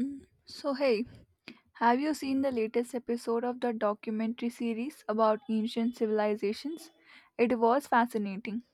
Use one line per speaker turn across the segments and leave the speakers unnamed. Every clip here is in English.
Mm. So, hey, have you seen the latest episode of the documentary series about ancient civilizations? It was fascinating.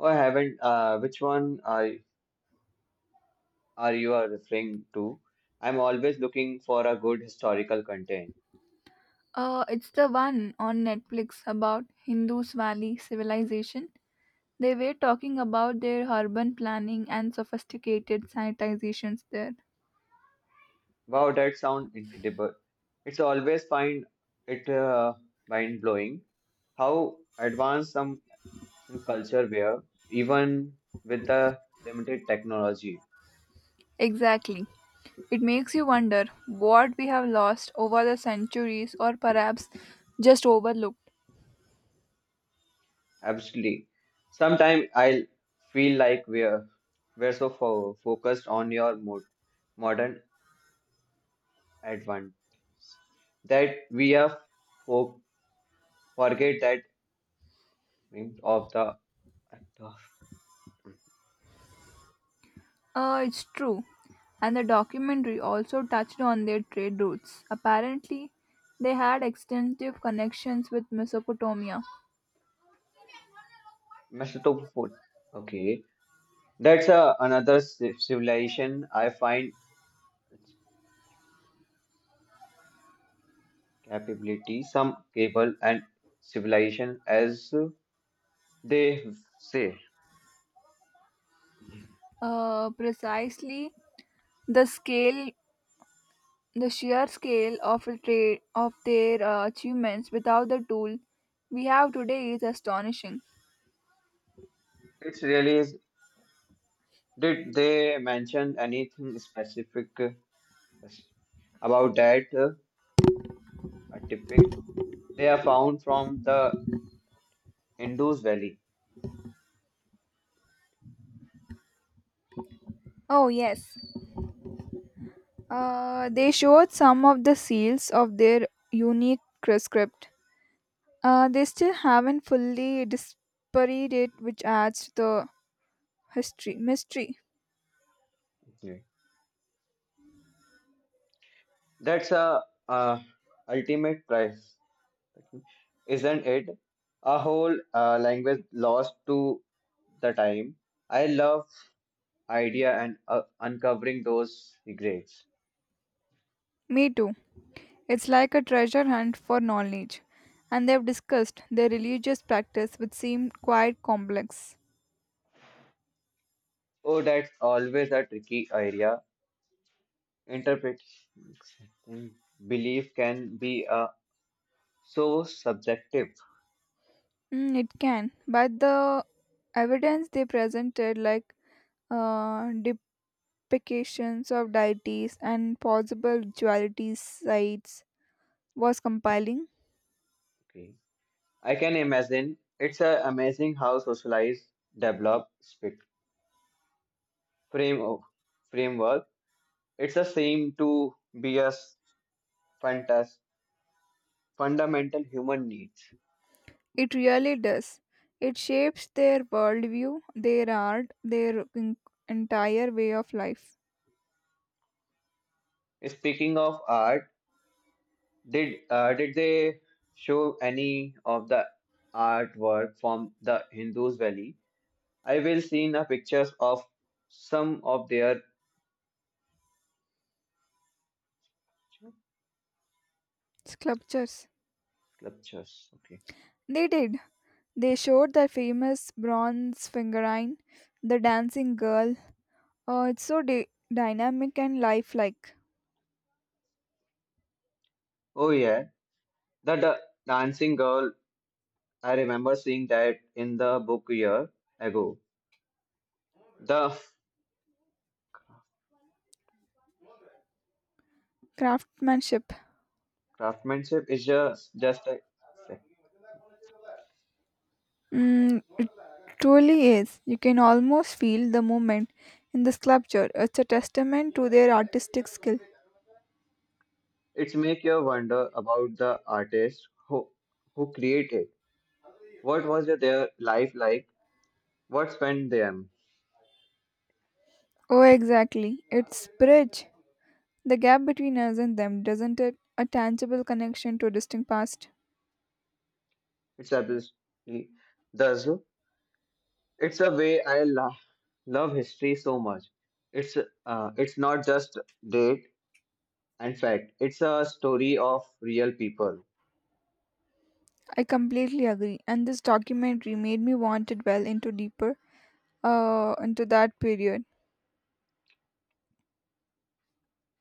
Oh, I haven't. Are you are referring to? I'm always looking for a good historical content.
It's the one on Netflix about Hindus Valley civilization. They were talking about their urban planning and sophisticated sanitizations there.
Wow, that sounds incredible. It's always find it mind blowing how advanced some culture were, even with the limited technology.
Exactly. It makes you wonder what we have lost over the centuries or perhaps just overlooked.
Absolutely. Sometimes I feel like we're so fo focused on your modern advance that we are fo Forget that hint of the
It's true. And the documentary also touched on their trade routes. Apparently, they had extensive connections with Mesopotamia.
Mesoto food. Okay, that's another civilization. I find its capability some cable and civilization as they say.
Precisely the scale, the sheer scale of a trade of their achievements without the tool we have today is astonishing.
It really is. Did they mention anything specific about that artifact? They are found from the Indus Valley.
Oh yes, they showed some of the seals of their unique script. They still haven't fully disparate it, which adds to the history mystery.
Okay. That's a ultimate prize. Isn't it a whole language lost to the time? I love idea and uncovering those secrets.
Me too. It's like a treasure hunt for knowledge, and they've discussed their religious practice, which seemed quite complex.
Oh, that's always a tricky area. Interpreting belief can be so subjective.
Mm, it can, but the evidence they presented, like uh, depictions of deities and possible rituality sites, was compelling.
Okay. I can imagine it's amazing how socialized, develop, speak, frame of framework. It's a seem to be a s- fantas fundamental human needs.
It really does. It shapes their worldview, their art, their entire way of life.
Speaking of art, did they show any of the artwork from the Hindus Valley? I will see the pictures of some of their
Sculptures.
sculptures. Okay.
They did. They showed the famous bronze fingerine, the dancing girl. It's so dynamic and lifelike.
Oh yeah, the dancing girl. I remember seeing that in the book year ago. The
Craftsmanship.
craftsmanship is just a
Mm, it truly is. You can almost feel the movement in the sculpture. It's a testament to their artistic skill.
it's make you wonder about the artist who created. What was their life like? What's spent them?
Oh, exactly. It's bridge. The gap between us and them, doesn't it? A tangible connection to a distant past.
It's absolutely thus. It's a way I love history so much. It's not just date and fact. It's a story of real people.
I completely agree. And this documentary made me want to well into deeper into that period.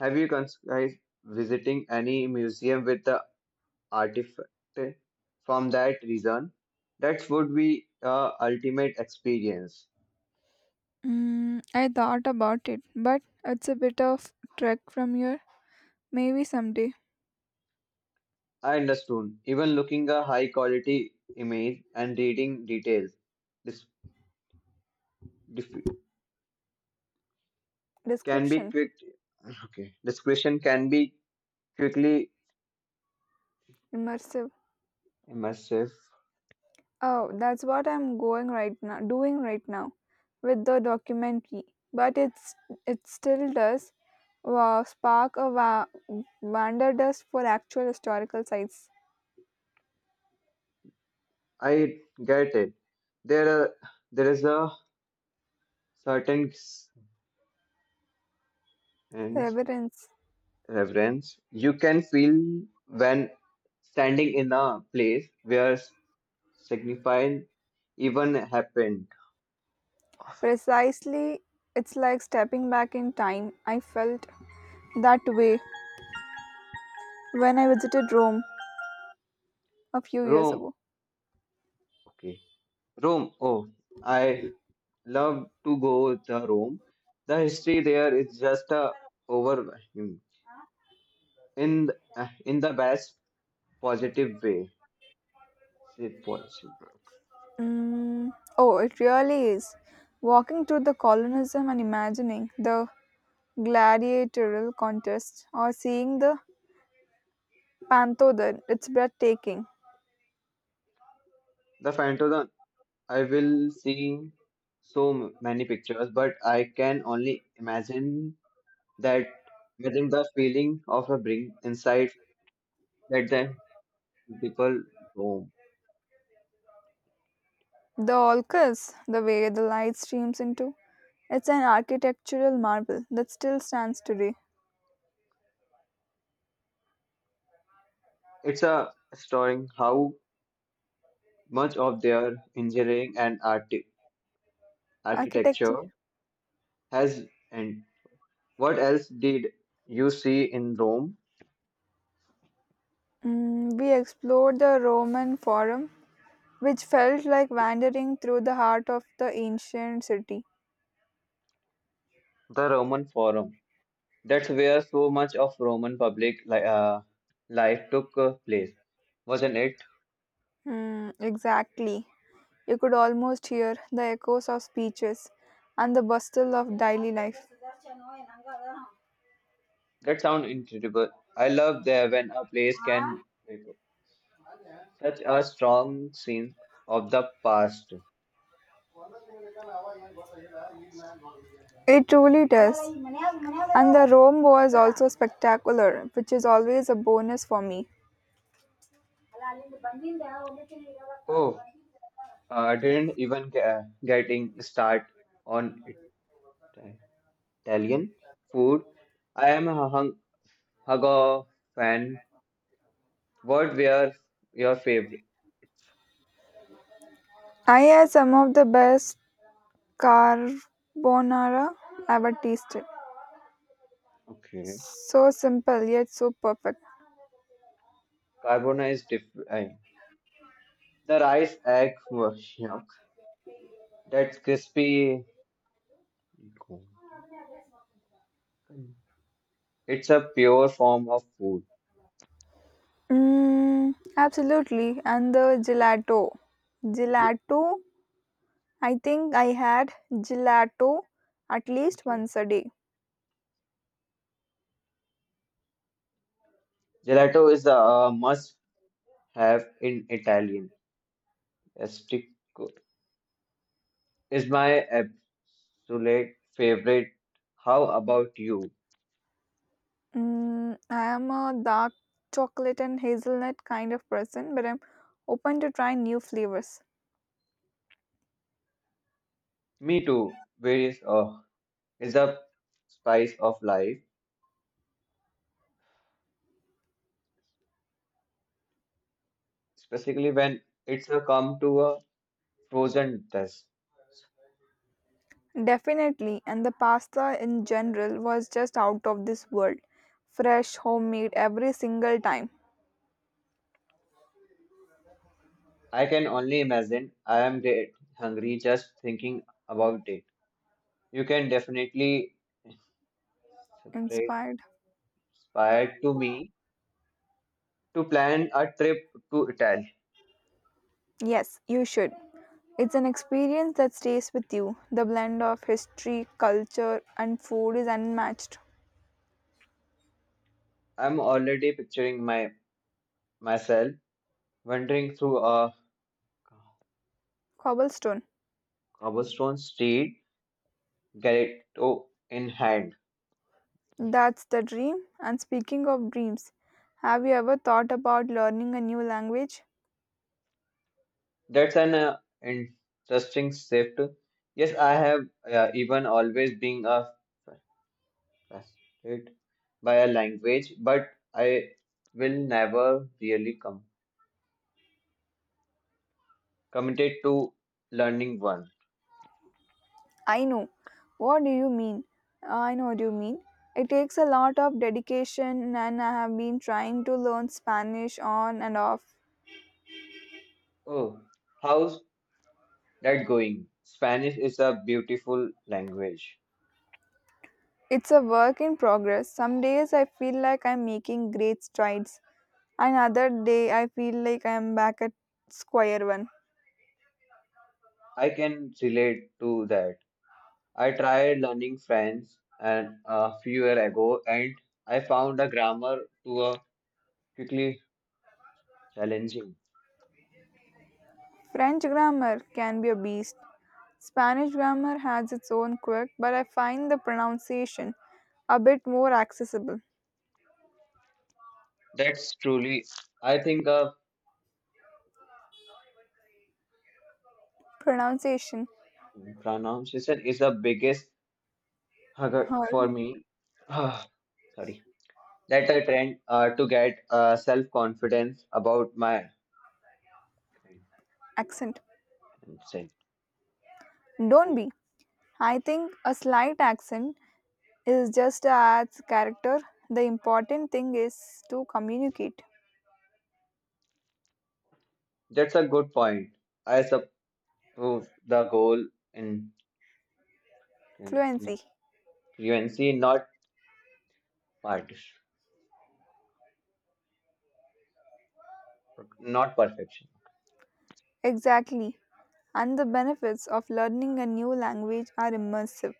Have you guys visiting any museum with the artifact from that reason? That would be a ultimate experience.
Mm, I thought about it, but it's a bit of trek from here. Maybe someday.
I understood. Even looking a high quality image and reading details, dis- dif- can be
Description
quick. Okay, discretion can be quickly
immersive.
immersive.
Oh, that's what I'm going right now, doing right now, with the documentary. But it still does wow, spark a wanderlust for actual historical sites.
I get it. There, are, there is a certain and
Reverence.
reverence you can feel when standing in a place where signifying even happened.
Precisely, it's like stepping back in time. I felt that way when I visited Rome a few years
Rome,
ago.
okay, Rome. Oh, I love to go the Rome. The history there is just a overwhelming in in the best positive way. It was super.
Mm, oh, it really is. Walking through the colonism and imagining the gladiatorial contest or seeing the Pantodon, it's breathtaking.
The Phantom, I will see so many pictures, but I can only imagine that imagine the feeling of a bring inside that the people home.
The Olcus, the way the light streams into, it's an architectural marvel that still stands today.
It's a story how much of their engineering and art
Architecture.
architecture has and what else did you see in Rome?
Mm, we explored the Roman Forum, which felt like wandering through the heart of the ancient city.
The Roman Forum. That's where so much of Roman public li life took place, wasn't it?
Hmm, exactly. You could almost hear the echoes of speeches and the bustle of daily life.
That sounds incredible. I love that when a place can wake up such a strong sense of the past.
It truly does. And the Rome was also spectacular, which is always a bonus for me.
Oh, I didn't even get, getting start on Ita- Italian food. I am a hung, Hago fan. What were your favorite?
I had some of the best carbonara ever tasted.
Okay,
So simple yet so perfect.
carbona is different. The rice egg, wash, you know, that's crispy. It's a pure form of food.
Mm, absolutely. And the gelato. Gelato, I think I had gelato at least once a day.
Gelato is a must have in Italian. Estico is my absolute favorite. How about you?
Mm, I am a dark chocolate and hazelnut kind of person, but I'm open to try new flavors.
Me too. Where is oh, is a spice of life, especially when it's a come to a frozen test.
Definitely, and the pasta in general was just out of this world. Fresh, homemade every single time.
I can only imagine. I am dead hungry just thinking about it. You can definitely
Inspired?
inspired to me to plan a trip to Italy.
Yes, you should. It's an experience that stays with you. The blend of history, culture, and food is unmatched.
I'm already picturing my myself wandering through a
Cobblestone.
cobblestone street, gazetto in hand.
That's the dream. And speaking of dreams, have you ever thought about learning a new language?
That's an interesting shift. Yes, I have even always been a frustrated by a language, but I will never really come committed to learning one.
I know. What do you mean? I know what you mean. It takes a lot of dedication, and I have been trying to learn Spanish on and off.
Oh, how's that going? Spanish is a beautiful language.
It's a work in progress. Some days I feel like I'm making great strides, and other day I feel like I'm back at square one.
I can relate to that. I tried learning French and a few years ago, and I found the grammar to a quickly challenging.
French grammar can be a beast. Spanish grammar has its own quirk, but I find the pronunciation a bit more accessible.
That's truly, I think,
Pronunciation
pronunciation is the biggest hurdle
or
for me. Ah, Sorry, that I trained to get self-confidence about my.
accent.
Pronunciation.
Don't
Okay,
be. I think a slight accent is just a adds character. The important thing is to communicate.
that's a good point. I suppose the goal in
Fluency.
fluency, not part, not perfection.
Exactly. And the benefits of learning a new language are immersive.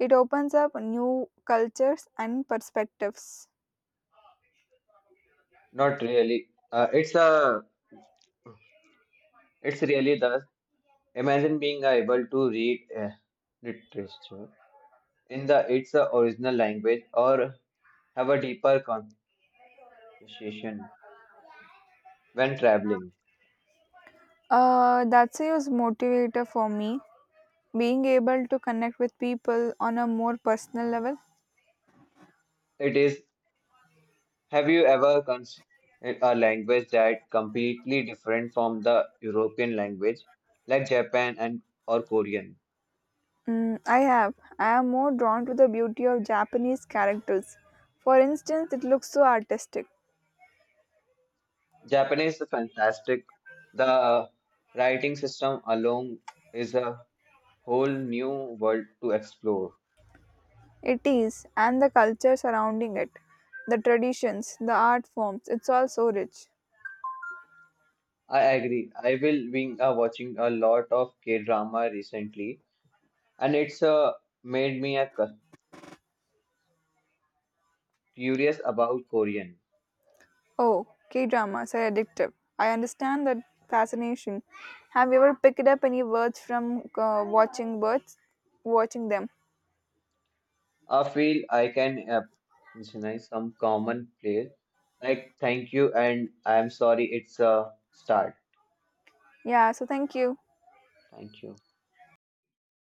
It opens up new cultures and perspectives.
Not really. It's a it's really the imagine being able to read literature in the its original language or have a deeper conversation when traveling.
That's a huge motivator for me. Being able to connect with people on a more personal level.
It is. Have you ever considered a language that completely different from the European language, like Japan and or Korean?
Mm, I have. I am more drawn to the beauty of Japanese characters. For instance, it looks so artistic.
Japanese is fantastic. The writing system alone is a whole new world to explore.
It is, and the culture surrounding it. The traditions, the art forms, it's all so rich.
I agree. I will been watching a lot of K-drama recently, and it's made me curious about Korean.
Oh, K dramas are addictive. I understand that fascination. Have you ever picked up any words from watching birds? Watching them.
I feel I can recognize some common place like thank you and I'm sorry. It's a start.
Yeah, so thank you.
Thank you.